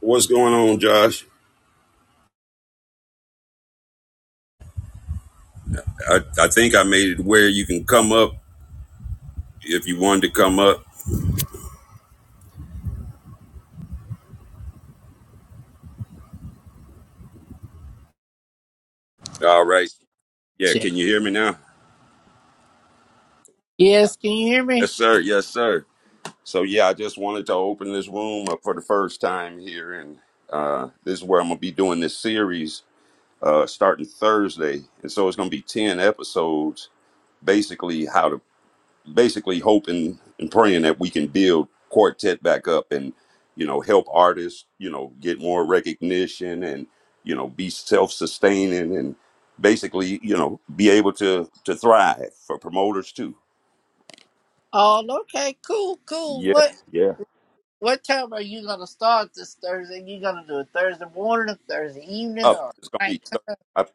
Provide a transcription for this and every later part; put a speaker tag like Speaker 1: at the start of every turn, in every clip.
Speaker 1: What's going on, Josh? I, I think I made it where you can come up if you wanted to come up. All right. Yeah,
Speaker 2: Shit.
Speaker 1: can you hear me now?
Speaker 2: Yes, can you hear me?
Speaker 1: Yes, sir. Yes, sir. So, yeah, I just wanted to open this room up for the first time here. And uh, this is where I'm going to be doing this series uh, starting Thursday. And so it's going to be 10 episodes, basically, how to basically hoping and praying that we can build quartet back up and you know help artists you know get more recognition and you know be self-sustaining and basically you know be able to to thrive for promoters too
Speaker 2: Oh, okay, cool, cool.
Speaker 1: Yeah,
Speaker 2: What
Speaker 1: yeah.
Speaker 2: what time are you gonna start this Thursday? You gonna do it Thursday morning, Thursday evening,
Speaker 1: up
Speaker 2: or
Speaker 1: it's gonna
Speaker 2: night?
Speaker 1: be th- i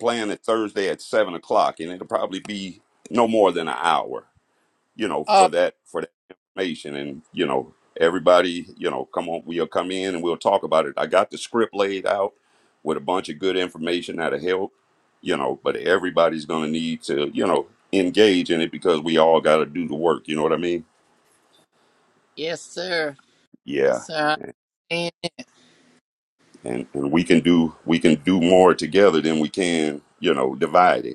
Speaker 1: plan it thursday at seven o'clock and it'll probably be no more than an hour you know,
Speaker 2: Oh,
Speaker 1: for that for that information. And you know, everybody, you know, come on, we'll come in and we'll talk about it. I got the script laid out with a bunch of good information that'll help, you know. But everybody's gonna need to, you know, engage in it because we all got to do the work. You know what I mean?
Speaker 2: yes, sir. Yes,
Speaker 1: Yeah.
Speaker 2: sir. And
Speaker 1: And and we can do we can do more together than we can, you know, divided.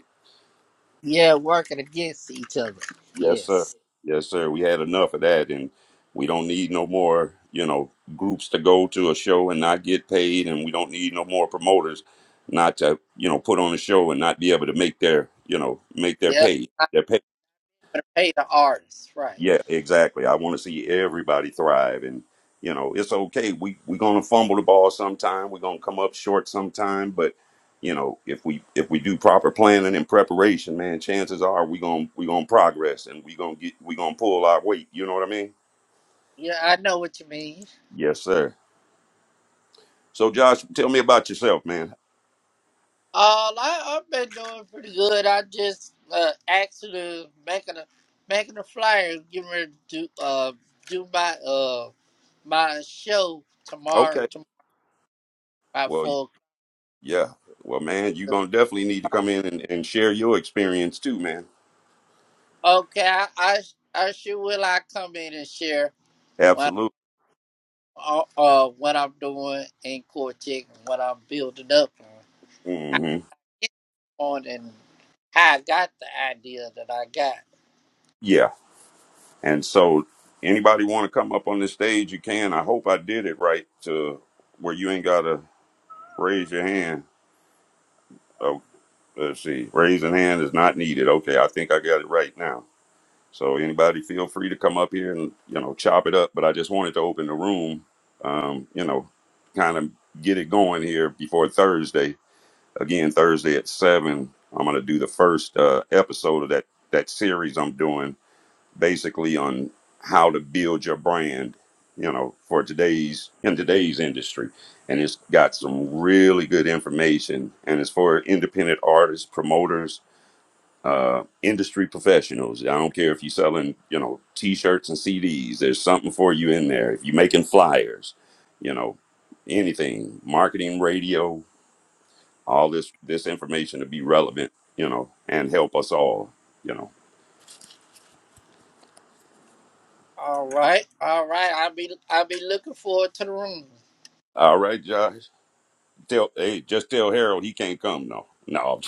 Speaker 2: yeah, working against each other.
Speaker 1: Yes, sir.
Speaker 2: Yes.
Speaker 1: Yes, sir. We had enough of that, and we don't need no more, you know, groups to go to a show and not get paid, and we don't need no more promoters not to, you know, put on a show and not be able to make their, you know, make their
Speaker 2: Yeah,
Speaker 1: pay,
Speaker 2: I'm
Speaker 1: their
Speaker 2: gonna pay the artists, right?
Speaker 1: yeah, exactly. I want to see everybody thrive, and you know, it's okay. We we're gonna fumble the ball sometime. We're gonna come up short sometime, but you know, if we if we do proper planning and preparation, man, chances are we gonna we gonna progress and we gonna get we gonna pull our weight. You know what I mean?
Speaker 2: Yeah, I know what you mean.
Speaker 1: Yes, sir. So, Josh, tell me about yourself, man.
Speaker 2: Uh, I, I've been doing pretty good. I just uh, actually making a making a flyer, getting ready to uh do my uh my show tomorrow
Speaker 1: Okay.
Speaker 2: tomorrow at
Speaker 1: Well, y-
Speaker 2: four.
Speaker 1: yeah. Well, man, you're
Speaker 2: o'clock.
Speaker 1: gonna definitely need to come in and, and share your experience too, man.
Speaker 2: Okay, I, I I sure will. I come in and share what
Speaker 1: Absolutely.
Speaker 2: uh, uh what I'm doing in Cortex and what I'm building up on, I
Speaker 1: hmm
Speaker 2: get on and how I got the idea that I got.
Speaker 1: Yeah. And so, anybody want to come up on the stage, you can. I hope I did it right to where you ain't got to raise your hand. Oh, let's see. Raising hand is not needed. Okay, I think I got it right now. So, anybody feel free to come up here and, you know, chop it up. But I just wanted to open the room, um, you know, kind of get it going here before Thursday. Again, Thursday at 7, I'm going to do the first uh, episode of that, that series I'm doing basically on how to build your brand you know for today's in today's industry and it's got some really good information and it's for independent artists promoters uh, industry professionals i don't care if you're selling you know t-shirts and cds there's something for you in there if you're making flyers you know anything marketing radio all this this information to be relevant you know and help us all you know
Speaker 2: All right, all right. I'll be I'll be looking forward to the room.
Speaker 1: all right josh Tell hey, just tell Harold he can't come. No, no,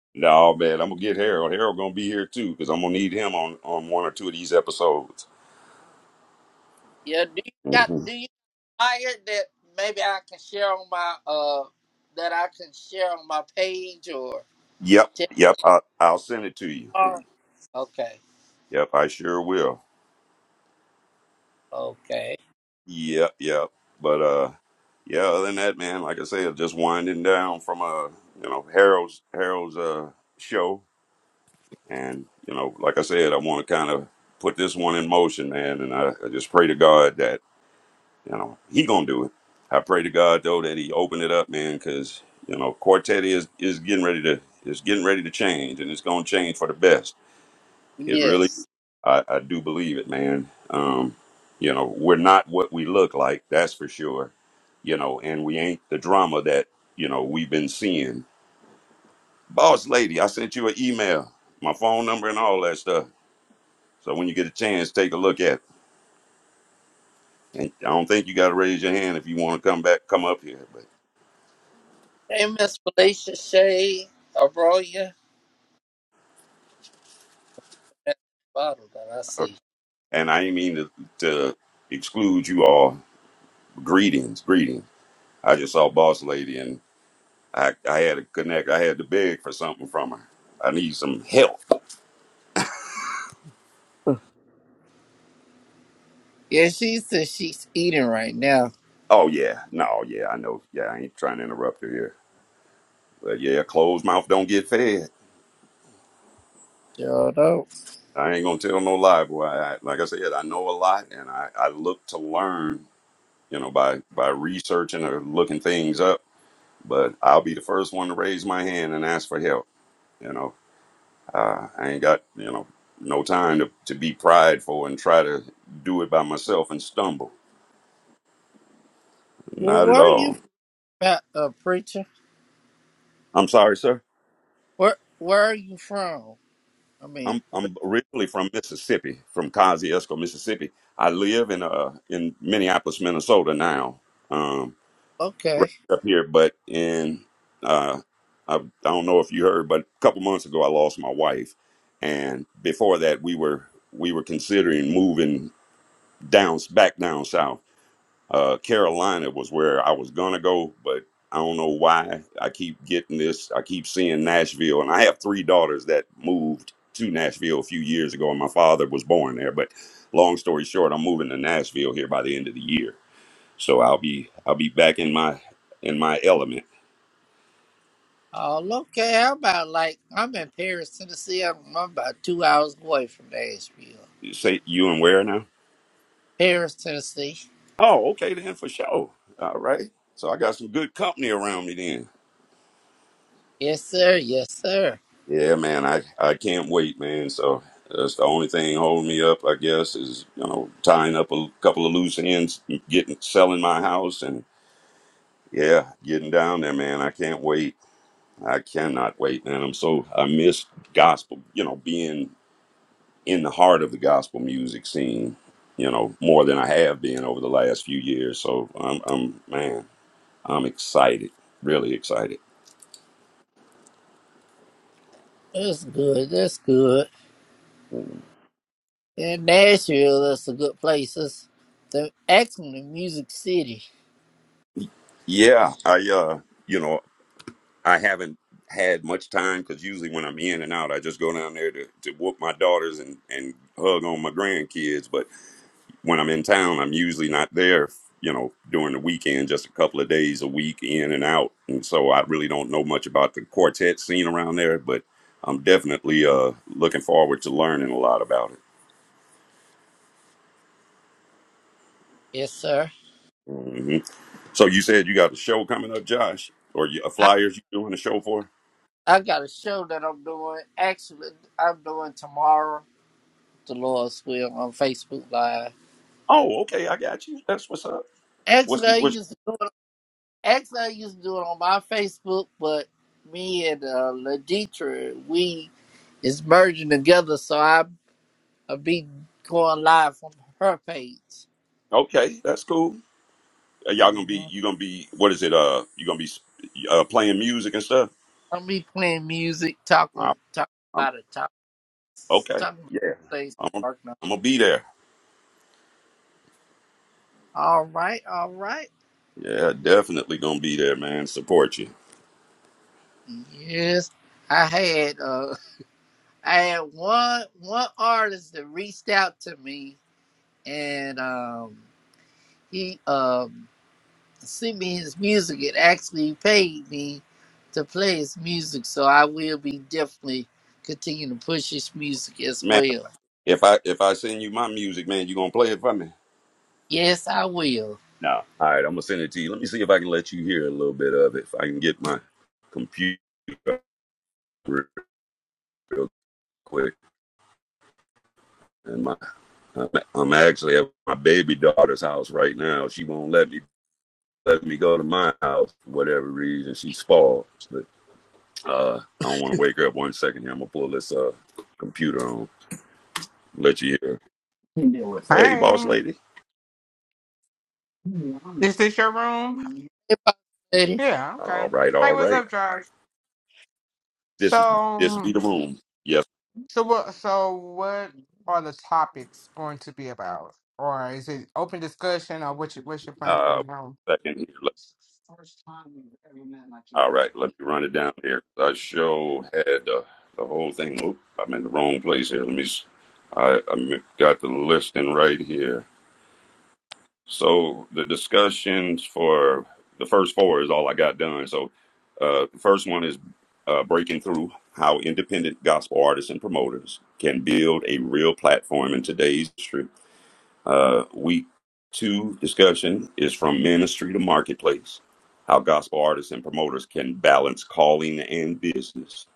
Speaker 1: no, man. I'm gonna get Harold. Harold gonna be here too because I'm gonna need him on on one or two of these episodes.
Speaker 2: Yeah, do you got
Speaker 1: hmm
Speaker 2: do you flyer that maybe I can share on my uh that I can share on my page or
Speaker 1: Yep,
Speaker 2: tip
Speaker 1: yep. I, I'll send it to you.
Speaker 2: bar? Okay,
Speaker 1: Yep, I sure will.
Speaker 2: okay,
Speaker 1: Yep, yep. But uh, yeah. Other than that, man, like I said, just winding down from uh, you know, Harold's Harold's uh show, and you know, like I said, I want to kind of put this one in motion, man, and I, I just pray to God that You know, he gonna do it. I pray to God though that he open it up, man, because you know Quartet is is getting ready to is getting ready to change, and it's gonna change for the best. It really,
Speaker 2: yes.
Speaker 1: I, I do believe it, man. Um, you know, we're not what we look like, that's for sure. You know, and we ain't the drama that you know we've been seeing. Boss lady, I sent you an email, my phone number, and all that stuff. So when you get a chance, take a look at. It. And I don't think you got to raise your hand if you want to come back, come up here, but.
Speaker 2: Hey, Miss Felicia Shay Abroya, that bottle that I see.
Speaker 1: And I didn't mean to, to exclude you all. Greetings, greetings. I just saw Boss Lady and I, I had to connect. I had to beg for something from her. I need some help.
Speaker 2: Yeah, she says she's eating right now.
Speaker 1: Oh, yeah. No, yeah, I know. Yeah, I ain't trying to interrupt you here. But yeah, closed mouth don't get fed.
Speaker 2: Sure do
Speaker 1: I ain't going to tell no lie, boy. I, like I said, I know a lot and I, I look to learn, you know, by, by researching or looking things up. But I'll be the first one to raise my hand and ask for help, you know Uh, I ain't got you know no time to, to be prideful and try to do it by myself and stumble.
Speaker 2: Where,
Speaker 1: Not at
Speaker 2: where are you
Speaker 1: all.
Speaker 2: from, uh, preacher?
Speaker 1: I'm sorry, sir.
Speaker 2: Where Where are you from? I mean,
Speaker 1: I'm I'm originally from Mississippi, from Kosciuszko, Mississippi. I live in uh in Minneapolis, Minnesota now. Um,
Speaker 2: okay.
Speaker 1: raised up here, but in uh, I, I don't know if you heard, but a couple months ago I lost my wife, and before that we were we were considering moving down back down south uh, Carolina was where I was gonna go, but I don't know why I keep getting this. I keep seeing Nashville, and I have three daughters that moved to Nashville a few years ago, and my father was born there. But long story short, I'm moving to Nashville here by the end of the year, so I'll be I'll be back in my in my element.
Speaker 2: Oh, okay. How about like I'm in Paris, Tennessee. I'm, I'm about two hours away from Nashville,
Speaker 1: You say you and where now?
Speaker 2: Paris, Tennessee.
Speaker 1: Oh, okay then for sure. All right. So I got some good company around me then.
Speaker 2: Yes, sir. Yes, sir.
Speaker 1: Yeah, man, I, I can't wait, man. So that's the only thing holding me up, I guess, is you know tying up a couple of loose ends, getting selling my house, and yeah, getting down there, man. I can't wait. I cannot wait, man. I'm so I miss gospel, you know, being in the heart of the gospel music scene, you know, more than I have been over the last few years. So I'm, I'm man, I'm excited, really excited.
Speaker 2: That's good. That's good. And Nashville, that's a good place. It's the actually music city.
Speaker 1: Yeah, I uh, you know. I haven't had much time because usually when I'm in and out, I just go down there to, to whoop my daughters and, and hug on my grandkids. But when I'm in town, I'm usually not there, you know, during the weekend, just a couple of days a week in and out. And so I really don't know much about the quartet scene around there, but I'm definitely uh, looking forward to learning a lot about it.
Speaker 2: Yes, sir.
Speaker 1: hmm So you said you got a show coming up, Josh, or you, a
Speaker 2: I,
Speaker 1: flyers you doing a show for?
Speaker 2: I got a show that I'm doing. Actually, I'm doing tomorrow. The Lord's will on Facebook Live.
Speaker 1: Oh, okay, I got you. That's what's up. What's
Speaker 2: Actually,
Speaker 1: the
Speaker 2: I
Speaker 1: what's
Speaker 2: used to Actually, I used to do it on my Facebook, but me and uh, Laditra, we is merging together, so I I be going live from her page.
Speaker 1: okay? That's cool. Are y'all gonna be
Speaker 2: Mm-hmm.
Speaker 1: you gonna be what is it? Uh, you gonna be uh playing music and stuff?
Speaker 2: I'll be playing music,
Speaker 1: I,
Speaker 2: talking talking
Speaker 1: I'm
Speaker 2: about it, talk,
Speaker 1: okay.
Speaker 2: talking about
Speaker 1: Yeah,
Speaker 2: things
Speaker 1: I'm
Speaker 2: working. on.
Speaker 1: I'm gonna be there.
Speaker 2: All right, all right.
Speaker 1: Yeah, definitely gonna be there, man. Support you,
Speaker 2: Yes, I had uh, I had one one artist that reached out to me, and um, he um. sent me his music and actually paid me to play his music. So I will be definitely continuing to push his music as
Speaker 1: man.
Speaker 2: well.
Speaker 1: If I if I send you my music, man, you gonna play it for me?
Speaker 2: Yes, I will.
Speaker 1: No. All right, I'm gonna send it to you. Let me see if I can let you hear a little bit of it. If I can get my computer up real quick and my I'm I'm actually at my baby daughter's house right now. She won't let me let me go to my house for whatever reason. She spoiled, but uh, I don't want to wake her up. One second here, I'm gonna pull this uh computer on. Let you hear. Hey, boss
Speaker 3: Hey,
Speaker 1: lady.
Speaker 3: is this your room?
Speaker 2: If I lady,
Speaker 3: Yeah,
Speaker 1: All
Speaker 3: okay.
Speaker 1: right,
Speaker 3: Hey,
Speaker 1: all
Speaker 3: what's
Speaker 1: right.
Speaker 3: up, Josh?
Speaker 1: This this
Speaker 3: So,
Speaker 1: be the room. Yes.
Speaker 3: so what? So, what are the topics going to be about, or is it open discussion, or what's your, what's your plan for the
Speaker 1: Uh,
Speaker 3: room?
Speaker 1: second here. All right, let me run it down here. I show had uh, the whole thing. Oop, I'm in the wrong place here. Let me. I I got the listing right here. So the discussions for the first four is all I got done. So uh, the first one is uh, breaking through how independent gospel artists and promoters can build a real platform in today's industry. Uh, week two discussion is from ministry to marketplace, how gospel artists and promoters can balance calling and business.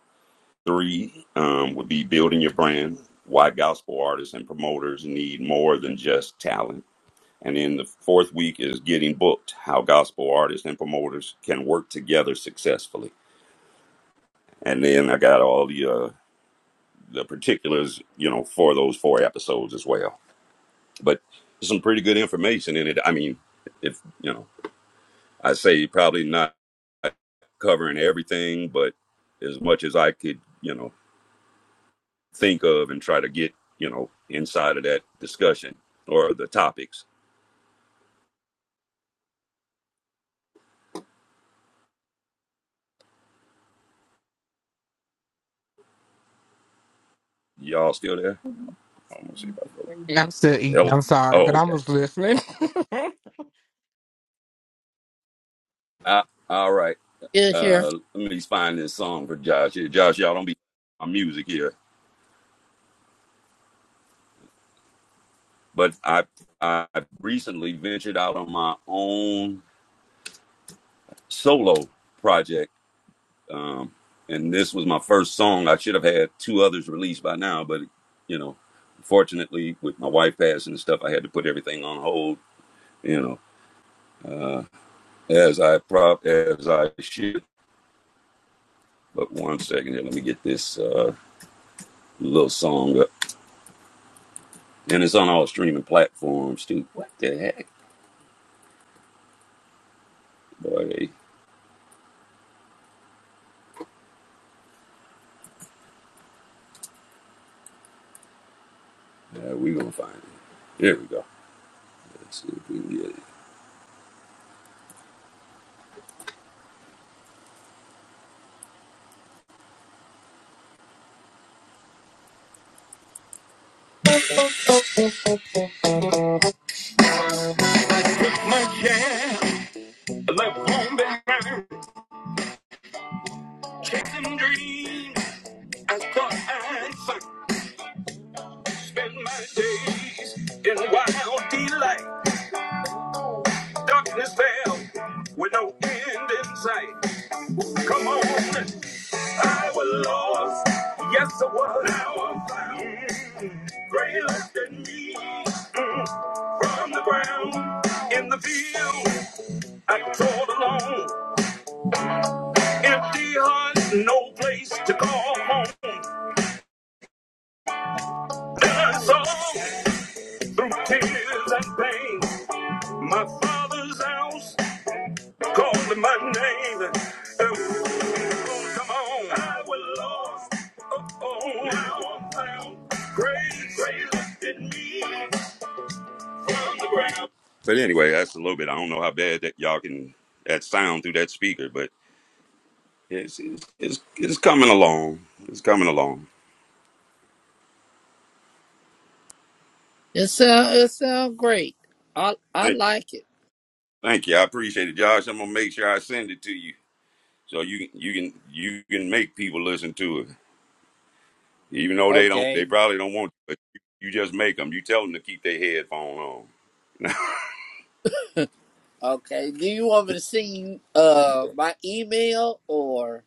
Speaker 1: Three um, would be building your brand, why gospel artists and promoters need more than just talent. And then the fourth week is getting booked, how gospel artists and promoters can work together successfully. And then I got all the uh, the particulars, you know, for those four episodes as well. But some pretty good information in it. I mean, if you know, I say probably not covering everything, but as much as I could, you know, think of and try to get, you know, inside of that discussion or the topics. Y'all still there? I want to see if I broke.
Speaker 3: I'm still eating. I'm
Speaker 1: Hello?
Speaker 3: sorry, but
Speaker 1: Oh,
Speaker 3: I
Speaker 1: okay.
Speaker 3: was listening.
Speaker 1: Uh, all right.
Speaker 2: yeah, sure.
Speaker 1: Uh, let me find this song for Josh here. Josh, y'all don't be my music here, but I I recently ventured out on my own solo project, um, and this was my first song. I should have had two others released by now, but you know, fortunately, with my wife passing and stuff, I had to put everything on hold. You know, uh, as I prop as I should. But one second here, let me get this uh, little song up, and it's on all streaming platforms too. What the heck? Boy, they, yeah, we gonna find it. There we go. Let's see if we can get it. Yeah, like home been round, chasing dreams. I thought I'd fight. spend my days in wild delight. Darkness fell with no end in sight. Come on, I was lost. Yes, I was. Now I'm found. Great left in me. Mm. From the ground in the field. I crawled along, empty heart, no place to call home. Then I saw through tears and pain my father's house calling my name. Oh, come on, I was lost. Oh, oh, now I'm found. Grace, grace lifted me from the ground. But anyway, that's a little bit. I don't know how bad that y'all can that sound through that speaker, but it's it's it's, it's coming along. It's coming along.
Speaker 2: It sound it sound great. I I like it.
Speaker 1: Thank you. I appreciate it, Josh. I'm gonna make sure I send it to you so you you can you can make people listen to it, even though they don't. They
Speaker 2: Okay,
Speaker 1: probably don't want, to, but you you just make them. You tell them to keep their headphone on.
Speaker 2: okay. Do you want me to send you uh my email or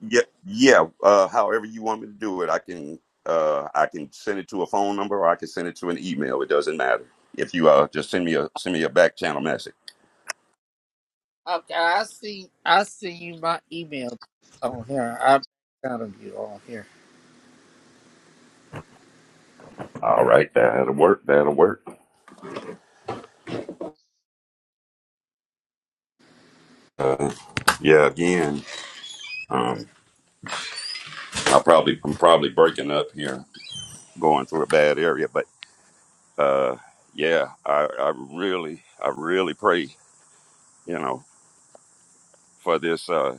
Speaker 1: Yeah, yeah. Uh, however you want me to do it, I can uh, I can send it to a phone number or I can send it to an email. It doesn't matter. If you uh, just send me a send me a back channel message.
Speaker 2: okay? I see I see you my email on here. I'm kind of you on here.
Speaker 1: All right, that'll work. That'll work. Uh, yeah. Again, um, I probably I'm probably breaking up here, going through a bad area, but. uh, yeah, I, I really, I really pray, you know, for this, uh,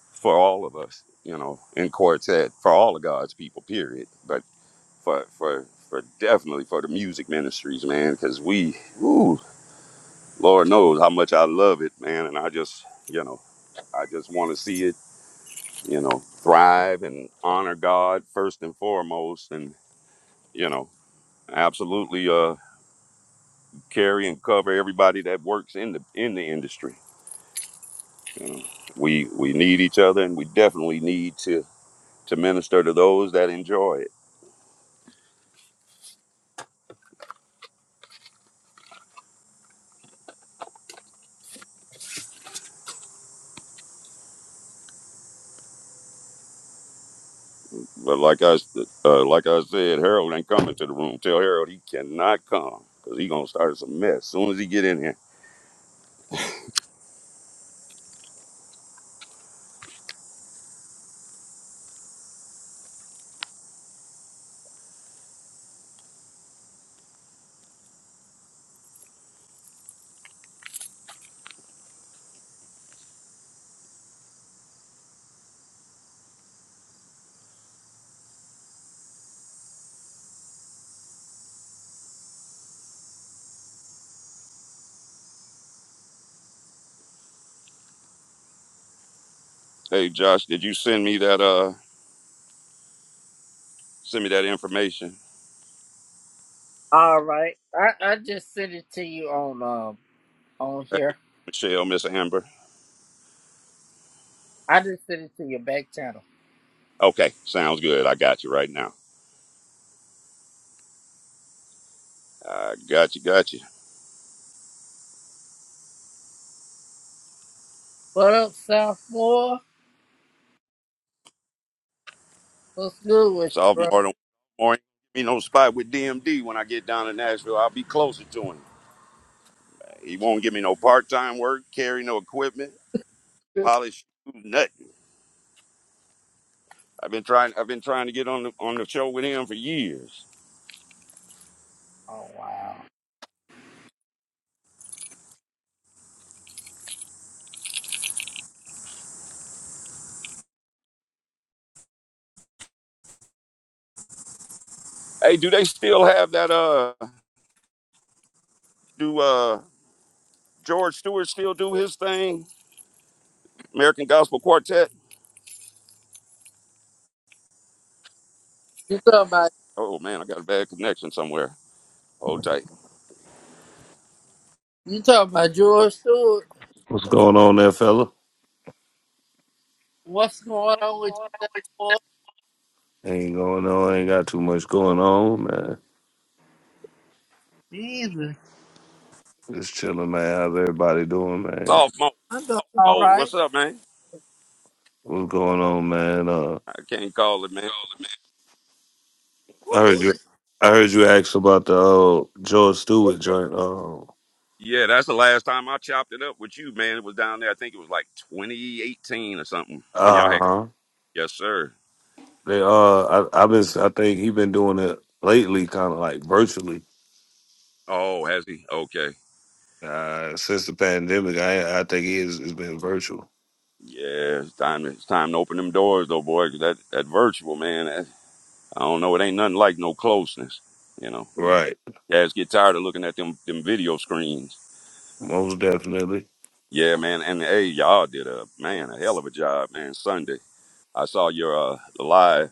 Speaker 1: for all of us, you know, in quartet, for all of God's people, period. But for, for, for definitely for the music ministries, man, because we, ooh, Lord knows how much I love it, man. And I just, you know, I just want to see it, you know, thrive and honor God first and foremost. And, you know, absolutely, uh, carry and cover everybody that works in the, in the industry And we we need each other, and we definitely need to to minister to those that enjoy it. But like I s- uh, like I said, Harold ain't coming to the room. Tell Harold he cannot come because he gonna start some mess as soon as he get in here. Hey Josh, did you send me that uh send me that information?
Speaker 2: All right, I I just sent it to you on. um, on
Speaker 1: Hey
Speaker 2: here.
Speaker 1: Michelle, Miss Amber.
Speaker 2: I just sent it to your back channel.
Speaker 1: Okay, sounds good. I got you right now. I got you, got you.
Speaker 2: What up, South Four? What's good with you, bro?
Speaker 1: Sophomore don't more ain't give me no spot with DMD when I get down to Nashville. I'll be closer to him. He won't give me no part time work, carry no equipment, polish shoes, nothing. I've been trying. I've been trying to get on the on the show with him for years.
Speaker 2: Oh wow.
Speaker 1: Hey, do they still have that? Uh, do uh George Stewart still do his thing? American Gospel Quartet.
Speaker 2: You talking about
Speaker 1: Oh man, I got a bad connection somewhere. Hold tight.
Speaker 2: you talking about George Stewart?
Speaker 4: What's going on there, fella?
Speaker 2: What's going on with you, South Four?
Speaker 4: Ain't going on. Ain't got too much going on, man.
Speaker 2: Jesus,
Speaker 4: Just chilling, man. How's everybody doing, man?
Speaker 1: Sophomore.
Speaker 2: I'm doing all
Speaker 1: Oh,
Speaker 2: right.
Speaker 1: what's up, man?
Speaker 4: What's going on, man? Uh,
Speaker 1: I can't call it, man.
Speaker 4: I
Speaker 2: Cool.
Speaker 4: heard you. I heard you asked about the uh, George Stewart joint. Uh
Speaker 1: Yeah, that's the last time I chopped it up with you, man. It was down there. I think it was like 2018 or something when y'all had.
Speaker 4: huh.
Speaker 1: Yes, sir.
Speaker 4: They uh, I, I've been. I think he been doing it lately, kind of like virtually.
Speaker 1: Oh, has he? Okay.
Speaker 4: Uh, since the pandemic, I I think he is, it's been virtual.
Speaker 1: Yeah, it's time. It's time to open them doors, though, boy. 'cause that that virtual man, that, I don't know. It ain't nothing like no closeness. You know,
Speaker 4: Right.
Speaker 1: guys get tired of looking at them them video screens.
Speaker 4: Most definitely.
Speaker 1: Yeah, man. And hey, y'all did a man a hell of a job, man. Sunday, I saw your uh, live,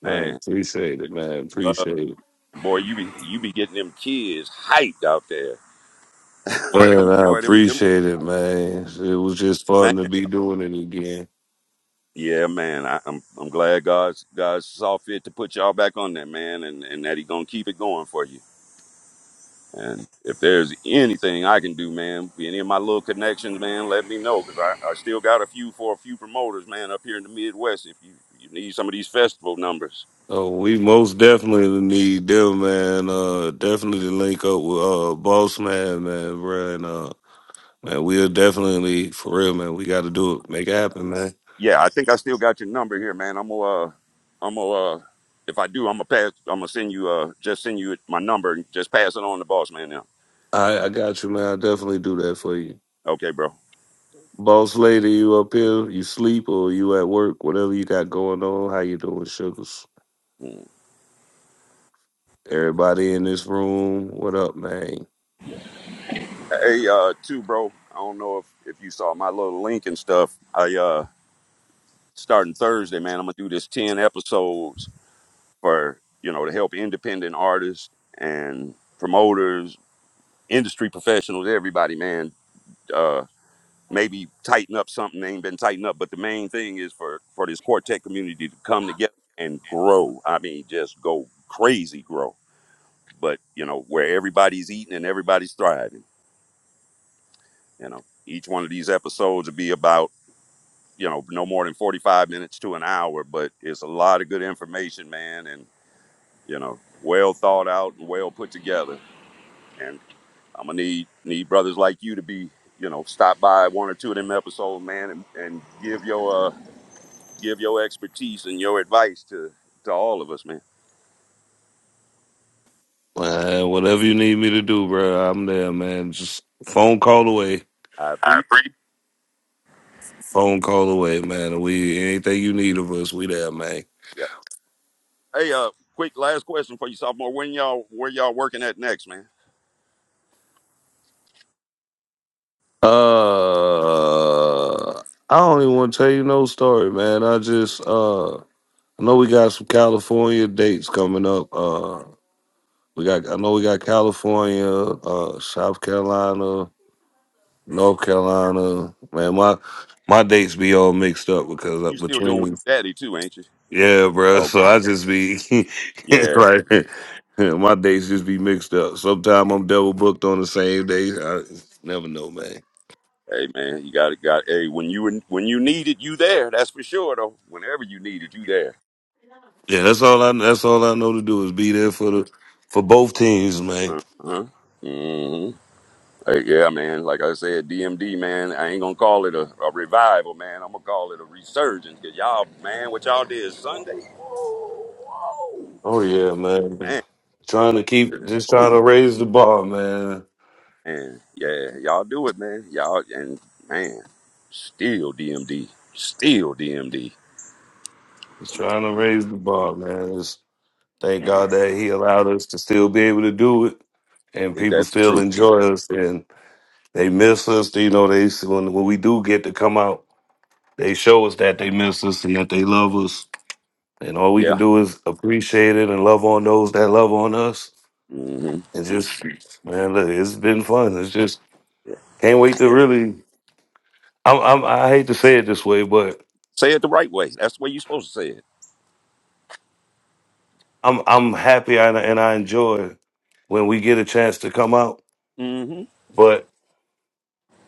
Speaker 4: Man,
Speaker 1: man.
Speaker 4: appreciate it, man.
Speaker 1: Uh,
Speaker 4: Appreciate it.
Speaker 1: boy, you be you be getting them kids hyped out there,
Speaker 4: Man, I
Speaker 1: boy. Them them
Speaker 4: appreciate it, man. It was just
Speaker 1: man.
Speaker 4: fun to be doing it again.
Speaker 1: Yeah, man. I, I'm I'm glad God's God saw fit to put y'all back on that, man, and and that He gonna keep it going for you. And if there's anything I can do, man, any of my little connections, man, let me know because I, I still got a few for a few promoters, man, up here in the Midwest. If you, you need some of these festival numbers,
Speaker 4: Oh, we most definitely need them, man. Uh, definitely link up with uh, Boss Man, man, bro. And uh, man, we'll definitely for real, man. We got to do it, make it happen, man.
Speaker 1: yeah, I think I still got your number here, man. I'm gonna, uh, I'm gonna, uh, if I do, I'm gonna pass. I'm gonna send you, uh, just send you my number and just pass it on to boss man now.
Speaker 4: I I got you, man. I definitely do that for you,
Speaker 1: Okay, bro.
Speaker 4: Boss Lady. You up here? You sleep or you at work? Whatever you got going on, how you doing, sugars?
Speaker 1: Mm.
Speaker 4: Everybody in this room, what up, man?
Speaker 1: Hey, uh, too, bro. I don't know if if you saw my little link and stuff. I uh starting Thursday, man. I'm gonna do this ten episodes for you know to help independent artists and promoters, industry professionals, everybody, man. Uh, maybe tighten up something they ain't been tightened up, but the main thing is for for this quartet community to come together and grow. I mean, just go crazy, grow. But you know where everybody's eating and everybody's thriving. You know, each one of these episodes will be about you know no more than forty five minutes to an hour, but it's a lot of good information, man, and you know well thought out and well put together and. I'm gonna need need brothers like you to be, you know, stop by one or two of them episodes, man, and, and give your uh give your expertise and your advice to to all of us, man.
Speaker 4: Man, whatever you need me to do, bro, I'm there, man. Just phone call away.
Speaker 1: I
Speaker 4: I
Speaker 1: appreciate.
Speaker 4: appreciate. Phone call away, man. We anything you need of us, we there, man.
Speaker 1: Yep. Hey, uh, quick last question for you, sophomore. When y'all where y'all working at next, man?
Speaker 4: Uh, I don't even want to tell you no story, man. I just uh, I know we got some California dates coming up. Uh, we got I know we got California, uh, South Carolina, North Carolina. Man, my my dates be all mixed up because uh,
Speaker 1: You still doing with
Speaker 4: between
Speaker 1: daddy too, ain't you?
Speaker 4: Yeah, bro. So
Speaker 1: Okay.
Speaker 4: I just be
Speaker 1: Yeah.
Speaker 4: like, my days just be mixed up. Sometimes I'm double booked on the same day. I never know, man.
Speaker 1: Hey man, you got it. Got hey when you in- when you needed you there. That's for sure though. Whenever you needed you there.
Speaker 4: Yeah, that's all I. That's all I know to do is be there for the for both teams, man.
Speaker 1: Uh huh. hmm Hey, yeah, man. Like I said, DMD, man. I ain't gonna call it a, a revival, man. I'm gonna call it a resurgence. Cause y'all, man, what y'all did Sunday, whoa, whoa,
Speaker 4: Oh yeah, man.
Speaker 1: man.
Speaker 4: Trying to keep, just trying to
Speaker 1: Oh,
Speaker 4: raise the bar, man.
Speaker 1: man. Yeah, y'all do it, man. Y'all and man, still DMD, still DMD.
Speaker 4: Just trying to raise the bar, man. Just thank God that He allowed us to still be able to do it, and
Speaker 1: Ain't
Speaker 4: people
Speaker 1: that the
Speaker 4: still
Speaker 1: truth?
Speaker 4: enjoy us, and they miss us. You know, they when when we do get to come out. They show us that they miss us and that they love us. And all we can
Speaker 1: Yeah.
Speaker 4: do is appreciate it and love on those that love on us.
Speaker 1: hmm
Speaker 4: And just, man, look, it's been fun. It's just, can't wait to really, I'm, I'm, I hate to say it this way, but
Speaker 1: Say it the right way. That's the way you supposed to say it.
Speaker 4: I'm, I'm happy and, and I enjoy when we get a chance to come out.
Speaker 1: hmm
Speaker 4: But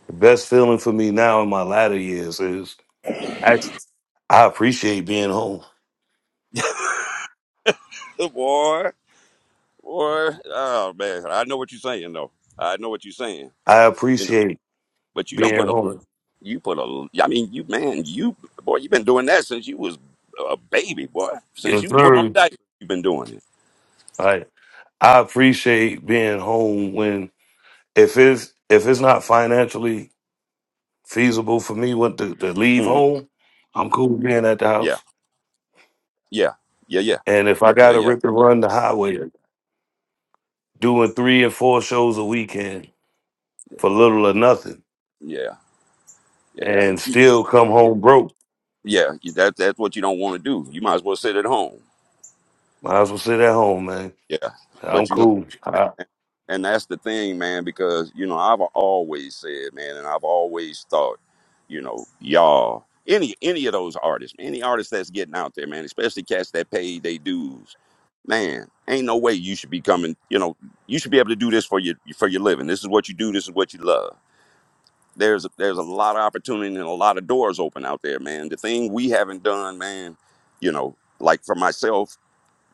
Speaker 4: the best feeling for me now in my latter years is I, I appreciate being home.
Speaker 1: Good boy, boy. Oh man, I know what you're saying though. I know what you're saying.
Speaker 4: I appreciate
Speaker 1: But you don't
Speaker 4: being
Speaker 1: put a
Speaker 4: home.
Speaker 1: you put a I mean you man you boy you've been doing that since you was a baby boy since
Speaker 4: Yes,
Speaker 1: you put on
Speaker 4: sir.
Speaker 1: diapers you've been doing it.
Speaker 4: Like, I appreciate being home when if it's if it's not financially feasible for me what to, to leave
Speaker 1: Mm,
Speaker 4: home, I'm cool being at the
Speaker 1: yeah
Speaker 4: house.
Speaker 1: yeah yeah yeah
Speaker 4: And if I
Speaker 1: yeah
Speaker 4: gotta
Speaker 1: yeah
Speaker 4: rip and run the highway, doing three and four shows a weekend for little or nothing,
Speaker 1: yeah yeah but
Speaker 4: and
Speaker 1: you,
Speaker 4: still come home broke,
Speaker 1: yeah you- that that's what you don't want to do. You might as well sit at home.
Speaker 4: might as well sit at home, man.
Speaker 1: Yeah,
Speaker 4: I'm
Speaker 1: but you know.
Speaker 4: cool. I,
Speaker 1: And and that's the thing, man, because, you know, I've always said, man, and I've always thought, you know, y'all, any any of those artists, any artist that's getting out there, man, especially cats that pay their dues, man, ain't no way you should be coming, you know, you should be able to do this for your for your living. This is what you do, this is what you love. There's there's a lot of opportunity and a lot of doors open out there, man. The thing we haven't done, man, you know, like for myself,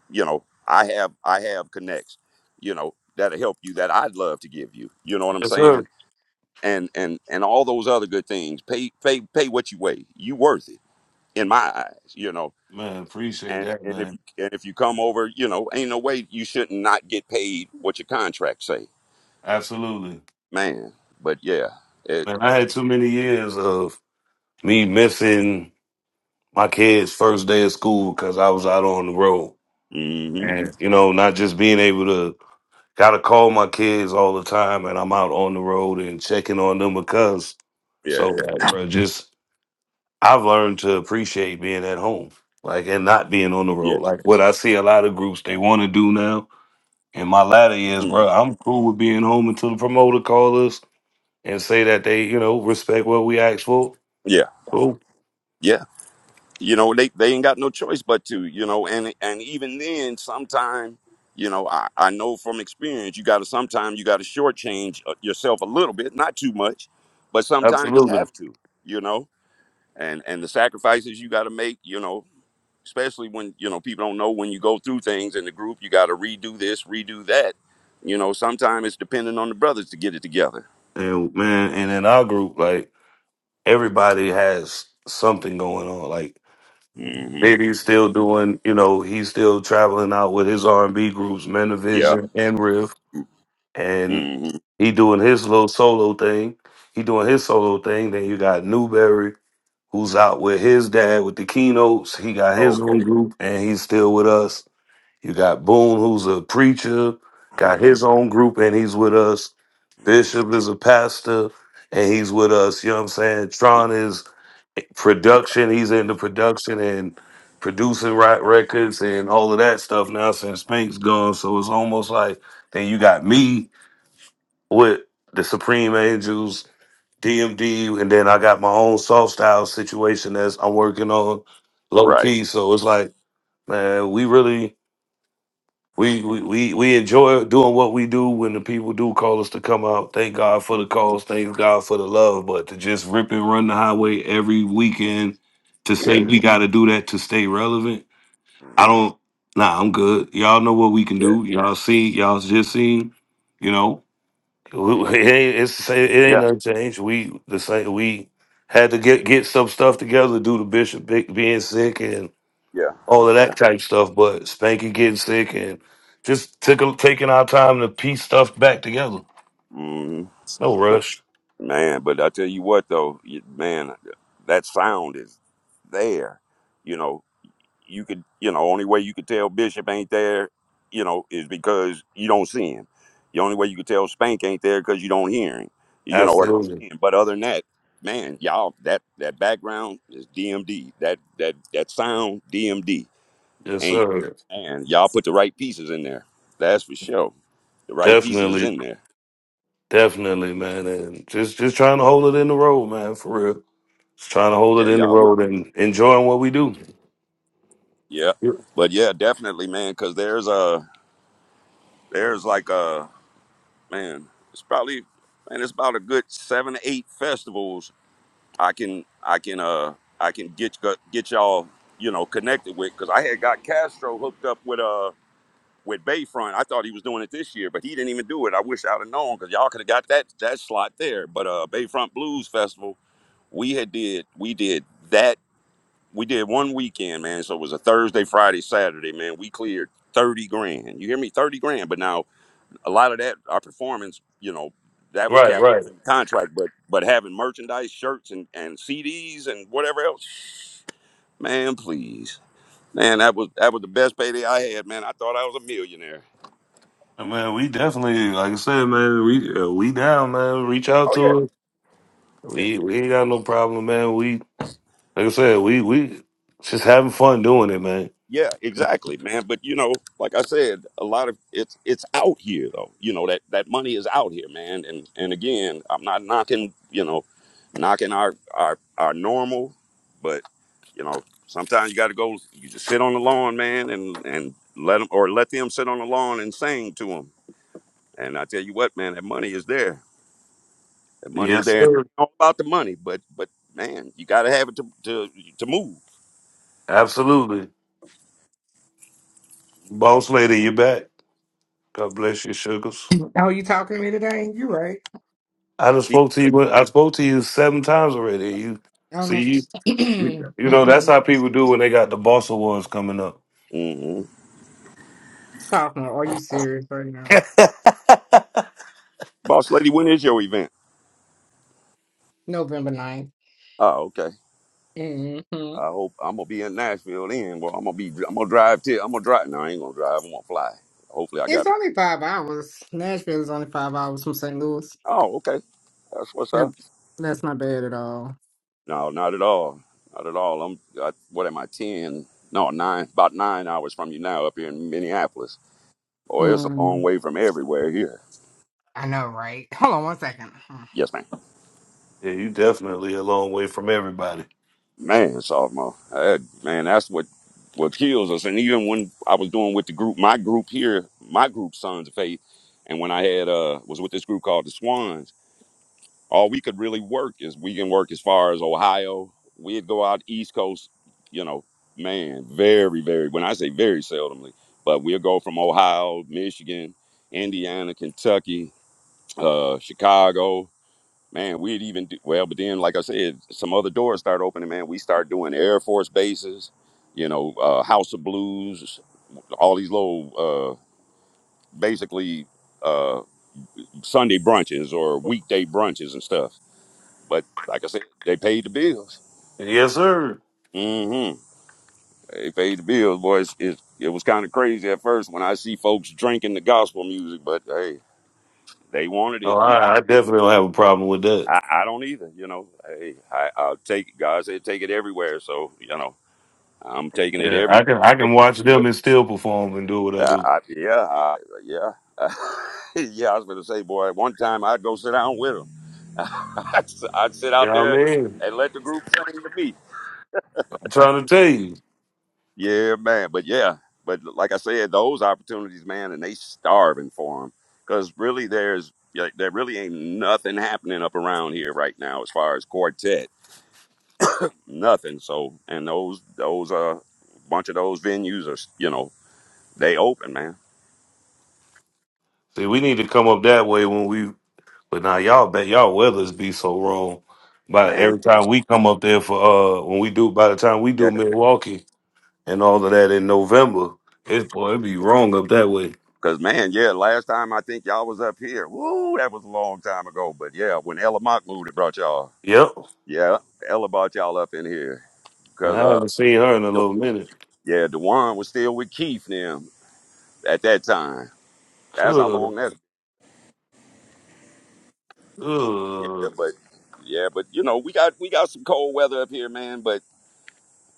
Speaker 1: you know i have i have connects you know that'll help you that i'd love to give you you know what i'm
Speaker 4: yes, sir.
Speaker 1: saying and and and all those other good things pay pay pay what you weigh you worth it in my eyes you know
Speaker 4: Man, appreciate
Speaker 1: and
Speaker 4: that,
Speaker 1: and if
Speaker 4: man.
Speaker 1: you and if you come over you know ain't no way you shouldn't not get paid what your contract say
Speaker 4: Absolutely,
Speaker 1: man but yeah it,
Speaker 4: man. I
Speaker 1: it
Speaker 4: had too many years of me missing my kids' first day of school because I was out on the road
Speaker 1: hmm
Speaker 4: and you know not just being able to Gotta call my kids all the time, and I'm out on the road and checking on them because.
Speaker 1: yeah
Speaker 4: So, like, bro, just I've learned to appreciate being at home, like, and not being on the
Speaker 1: yeah
Speaker 4: road. Like, what I see a lot of groups they want to do now. In my latter years,
Speaker 1: mm,
Speaker 4: bro, I'm cool with being home until the promoter calls us and say that they, you know, respect what we asked for.
Speaker 1: yeah
Speaker 4: Cool,
Speaker 1: yeah you know they, they ain't got no choice but to you know and and even then sometime you know i, I know from experience you gotta sometime you gotta shortchange uh, yourself a little bit not too much but sometimes you
Speaker 4: absolutely.
Speaker 1: have to you know and and the sacrifices you gotta make you know especially when you know people don't know when you go through things in the group you gotta redo this redo that you know sometimes it's dependent on the brothers to get it together
Speaker 4: And man, and in our group, like, everybody has something going on. Like.
Speaker 1: hmm
Speaker 4: Diddy's still doing, you know, he's still traveling out with his R and B groups, Men of
Speaker 1: yeah
Speaker 4: Vision and Riff, and
Speaker 1: hmm
Speaker 4: he doing his little solo thing. He doing his solo thing. Then you got Newberry, who's out with his dad with the keynotes. He got his
Speaker 1: okay
Speaker 4: own group, and he's still with us. You got Boone, who's a preacher, got his own group, and he's with us.
Speaker 1: Mm-hmm.
Speaker 4: Bishop is a pastor, and he's with us. You know what I'm saying? Tron is
Speaker 1: yeah
Speaker 4: production. He's into production and producing right records and all of that stuff now since Pink's gone. So it's almost like then you got me with the Supreme Angels, DMD, and then I got my own soft style situation that's I'm working on low
Speaker 1: right
Speaker 4: key. So it's like, man, we really we, we we we enjoy doing what we do when the people do call us to come out. Thank God for the calls. Thank God for the love. But to just rip and run the highway every weekend to say
Speaker 1: yeah
Speaker 4: we got to do that to stay relevant, I don't. Nah, I'm good. Y'all know what we can
Speaker 1: yeah
Speaker 4: do. Y'all see. Y'all just seen. You know, it ain't it's the same- it ain't
Speaker 1: Yeah.
Speaker 4: nothing changed. We the same. We had to get get some stuff together. Do the bishop be- being sick
Speaker 1: Yeah,
Speaker 4: all of
Speaker 1: yeah.
Speaker 4: that type stuff. But Spanky getting sick and just took a, taking our time to piece stuff back together.
Speaker 1: hmm
Speaker 4: It's No
Speaker 1: But
Speaker 4: rush.
Speaker 1: man, but I tell you what though, you- man, uh, that sound is there. You know, you could, you know, only way you could tell Bishop ain't there, you know, is because you don't see him. The only way you could tell Spank ain't there because you don't hear him, you know, or don't
Speaker 4: Absolutely.
Speaker 1: see him. But other than that, man, y'all, that that background is DMD. That that that sound DMD
Speaker 4: Yes,
Speaker 1: ain't,
Speaker 4: sir.
Speaker 1: and y'all put the right pieces in there. That's for sure. The right pieces is
Speaker 4: Definitely.
Speaker 1: in there.
Speaker 4: Definitely, man. And just just trying to hold it in the road, man, for real. Just trying to
Speaker 1: Yeah,
Speaker 4: hold it in the
Speaker 1: y'all.
Speaker 4: road and enjoying what we do.
Speaker 1: Yeah,
Speaker 4: Yeah.
Speaker 1: but yeah, definitely, man. Because there's a there's like a man. It's probably man. It's about a good seven, eight festivals. I can I can uh I can get get y'all you know connected with because I had got Castro hooked up with uh with Bayfront. I thought he was doing it this year, but he didn't even do it. I wish I'd have known because y'all could have got that that slot there. But uh Bayfront Blues Festival, we had did we did that we did one weekend, man. So it was a Thursday, Friday, Saturday, man. We cleared 30 grand. You hear me? 30 grand. But now a lot of that, our performance, you know, that was
Speaker 4: Right,
Speaker 1: capped
Speaker 4: right.
Speaker 1: off in the contract, but but having merchandise, shirts and, and CDs and whatever else, man, please. Man, that was that was the best payday I had, man. I thought I was a millionaire.
Speaker 4: Man, we definitely, like I said, man, we uh, we down, man. Reach out
Speaker 1: Oh yeah,
Speaker 4: to us.
Speaker 1: yeah.
Speaker 4: We we ain't got no problem, man. We like I said, we we just having fun doing it, man.
Speaker 1: Yeah, exactly, man. But you know, like I said, a lot of it's it's out here though. You know that that money is out here, man. And and again, I'm not knocking, you know, knocking our our our normal, but you know, sometimes you got to go. You just sit on the lawn, man, and and let them or let them sit on the lawn and sing to them. And I tell you what, man, that money is there. That money is
Speaker 4: Yes,
Speaker 1: there. And
Speaker 4: sir.
Speaker 1: it's all about the money, but but man, you got to have it to to to move.
Speaker 4: Absolutely. Boss lady, you back. God bless you, sugars.
Speaker 3: oh, you talking to me today? You right?
Speaker 4: I just spoke to you I spoke to you seven times already. You see
Speaker 3: Um,
Speaker 4: you you you know, that's
Speaker 3: mm-mm.
Speaker 4: how people do when they got the boss awards coming up.
Speaker 1: hmm
Speaker 3: sophomore, are you serious right now?
Speaker 1: Boss lady, when is your event?
Speaker 3: November ninth.
Speaker 1: Oh, okay.
Speaker 3: hmm
Speaker 1: I hope I'm gonna be in Nashville then. Well, I'm gonna be. I'm gonna drive till. I'm gonna drive. No, I ain't gonna drive. I'm gonna fly. Hopefully, I
Speaker 3: It's
Speaker 1: got.
Speaker 3: only five hours. Nashville is only five hours from St. Louis.
Speaker 1: Oh, okay. That's what's
Speaker 3: Yep,
Speaker 1: up.
Speaker 3: that's not bad at all.
Speaker 1: No, not at all. Not at all. I'm. I, what am I? Ten? No, nine. About nine hours from you now, up here in Minneapolis. Boy, it's a long
Speaker 3: Mm.
Speaker 1: way from everywhere here.
Speaker 3: I know, right? Hold on one second.
Speaker 1: Yes, ma'am.
Speaker 4: Yeah, you definitely a long way from everybody.
Speaker 1: Man, sophomore. That, man, that's what what kills us. And even when I was doing with the group, my group here, my group, Sons of Faith, and when I had uh was with this group called the Swans all we could really work is we can work as far as Ohio. We'd go out East Coast, you know, man, very, very, when I say very seldomly, but we'll go from Ohio, Michigan, Indiana, Kentucky, uh, Chicago. Man, we'd even do well, but then, like I said, some other doors start opening, man. We start doing Air Force bases, you know, uh, House of Blues, all these little, uh, basically, uh, Sunday brunches or weekday brunches and stuff but like I said, they paid the bills.
Speaker 4: Yes, sir.
Speaker 1: hmm They paid the bills, boys. It, it, was kind of crazy at first when I see folks drinking the gospel music, but hey, they wanted
Speaker 4: Oh,
Speaker 1: it. We,
Speaker 4: I, I definitely don't have a problem with that.
Speaker 1: I, I don't either. You know, hey, I, I'll take it. God said take it everywhere, so you know, I'm taking it
Speaker 4: Yeah, I
Speaker 1: everywhere.
Speaker 4: can
Speaker 1: we
Speaker 4: I
Speaker 1: go.
Speaker 4: can watch them and still perform and do what I
Speaker 1: I,
Speaker 4: do.
Speaker 1: I, yeah, I, yeah. yeah, I was gonna say, boy. at One time, I'd go sit down with them. I'd s- I'd sit
Speaker 4: You
Speaker 1: out
Speaker 4: know what I
Speaker 1: there
Speaker 4: mean?
Speaker 1: and let the group sing to me.
Speaker 4: I'm trying to tell you.
Speaker 1: Yeah, man. But yeah, but like I said, those opportunities, man, and they starving for them because really, there's like, there really ain't nothing happening up around here right now as far as quartet, nothing. So, and those those uh bunch of those venues are you know they open, man,
Speaker 4: See, we need to come up that way when we But now y'all bet y'all weathers be so wrong. By
Speaker 1: man.
Speaker 4: every time we come up there for uh when we do by the time we
Speaker 1: Yeah,
Speaker 4: do Milwaukee and all of that in November, it's boy it be wrong up that way.
Speaker 1: cause man, yeah. Last time I think y'all was up here. Woo, that was a long time ago. But yeah, when Ella Mock moved, it brought y'all.
Speaker 4: Yep.
Speaker 1: Yeah, Ella brought y'all up in here.
Speaker 4: I
Speaker 1: Cause uh,
Speaker 4: haven't seen her in a
Speaker 1: the-
Speaker 4: little minute.
Speaker 1: yeah, Dewan was still with Keith now. at that time. That's how
Speaker 4: Good,
Speaker 1: long that's been. yeah,
Speaker 4: good.
Speaker 1: but yeah, but you know, we got we got some cold weather up here, man, but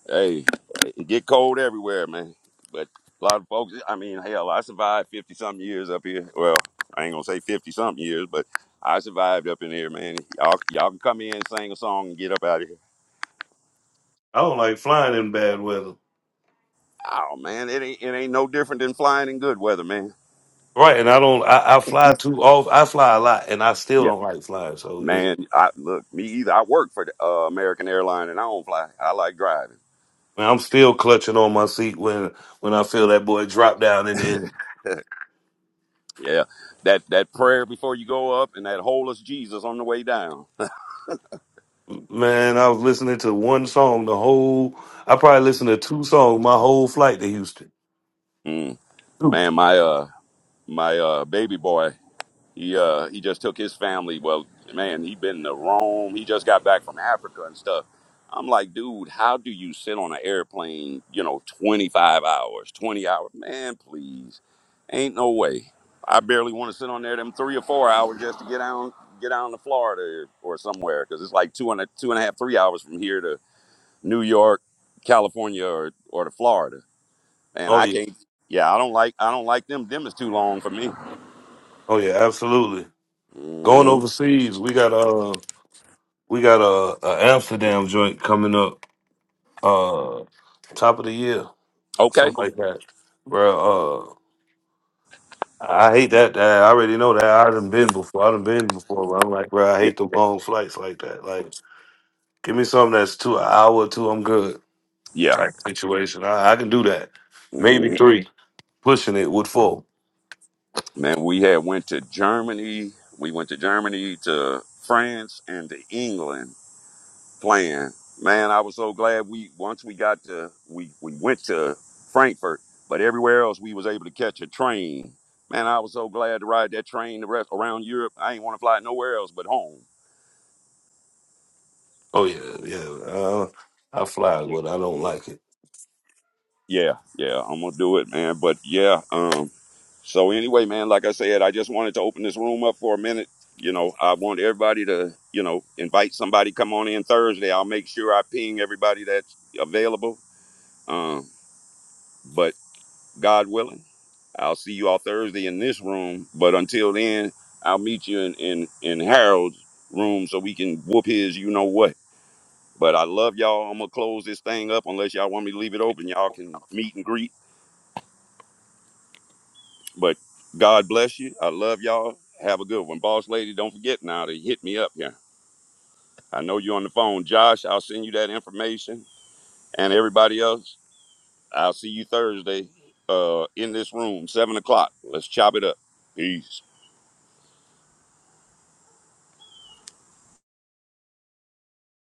Speaker 1: hey, it get cold everywhere, man. But a lot of folks I mean, hell, I survived fifty something years up here. Well, I ain't gonna say fifty something years, but I survived up in here, man. Y'all y'all can come in sing a song and get up out of here.
Speaker 4: I don't like flying in bad weather.
Speaker 1: Oh man, it ain't it ain't no different than flying in good weather, man.
Speaker 4: Right, and I don't. I, I fly too off. I fly a lot, and I still
Speaker 1: Yeah.
Speaker 4: don't like flying. So it,
Speaker 1: Man, I look, me either. I work for the, uh, American Airline and I don't fly. I like driving.
Speaker 4: man, I'm still clutching on my seat when when I feel that boy drop down in there.
Speaker 1: Yeah, that that prayer before you go up, and that whole is Jesus on the way down.
Speaker 4: Man, I was listening to one song the whole. I probably listened to two songs my whole flight to Houston.
Speaker 1: Mm.
Speaker 4: Two.
Speaker 1: Man, my uh my uh baby boy, he uh he just took his family. Well, man, he been to Rome. He just got back from Africa and stuff. I'm like, dude, how do you sit on an airplane? You know, 25 hours, 20 hours. Man, please, ain't no way. I barely want to sit on there them three or four hours just to get down get down to Florida or somewhere because it's like two and a two and a half three hours from here to New York, California, or, or to Florida. And
Speaker 4: Oh
Speaker 1: I
Speaker 4: yeah,
Speaker 1: can't. Yeah, I don't like I don't like them. Them is too long for me.
Speaker 4: oh yeah, absolutely. Going
Speaker 1: hmm
Speaker 4: overseas, we got uh we got a, a Amsterdam joint coming up, uh, top of the year,
Speaker 1: Okay.
Speaker 4: something like that. Bro, uh, I hate that. that I already know that. I done been before. I done been before. But I'm like, bro, I
Speaker 1: Yeah.
Speaker 4: hate the long flights like that. Like, give me something that's two an hour or two. I'm good.
Speaker 1: Yeah.
Speaker 4: Type situation. I, I can do that. Maybe
Speaker 1: hmm
Speaker 4: three. pushing it would fall.
Speaker 1: Man, we had went to Germany. We went to Germany to France and to England playing. Man, I was so glad we once we got to we we went to Frankfurt, but everywhere else we was able to catch a train. Man, I was so glad to ride that train the rest around Europe. I ain't want to fly nowhere else but home.
Speaker 4: Oh yeah, yeah. Uh, I fly,
Speaker 1: Yeah.
Speaker 4: but I don't
Speaker 1: yeah.
Speaker 4: like it.
Speaker 1: Yeah, yeah, I'm gonna do it, man. But yeah, um, so anyway, man, like I said, I just wanted to open this room up for a minute. You know, I want everybody to, you know, invite somebody come on in Thursday. I'll make sure I ping everybody that's available. Um, but God willing, I'll see you all Thursday in this room. But until then, I'll meet you in in, in Harold's room so we can whoop his you know what. But I love y'all. I'm gonna close this thing up unless y'all want me to leave it open. Y'all can meet and greet But God bless you. I love y'all. Have a good one. Boss lady, don't forget now to hit me up here. I know you're on the phone. Josh, I'll send you that information. And everybody else, I'll see you Thursday uh, in this room, 7 o'clock. Let's chop it up. Peace.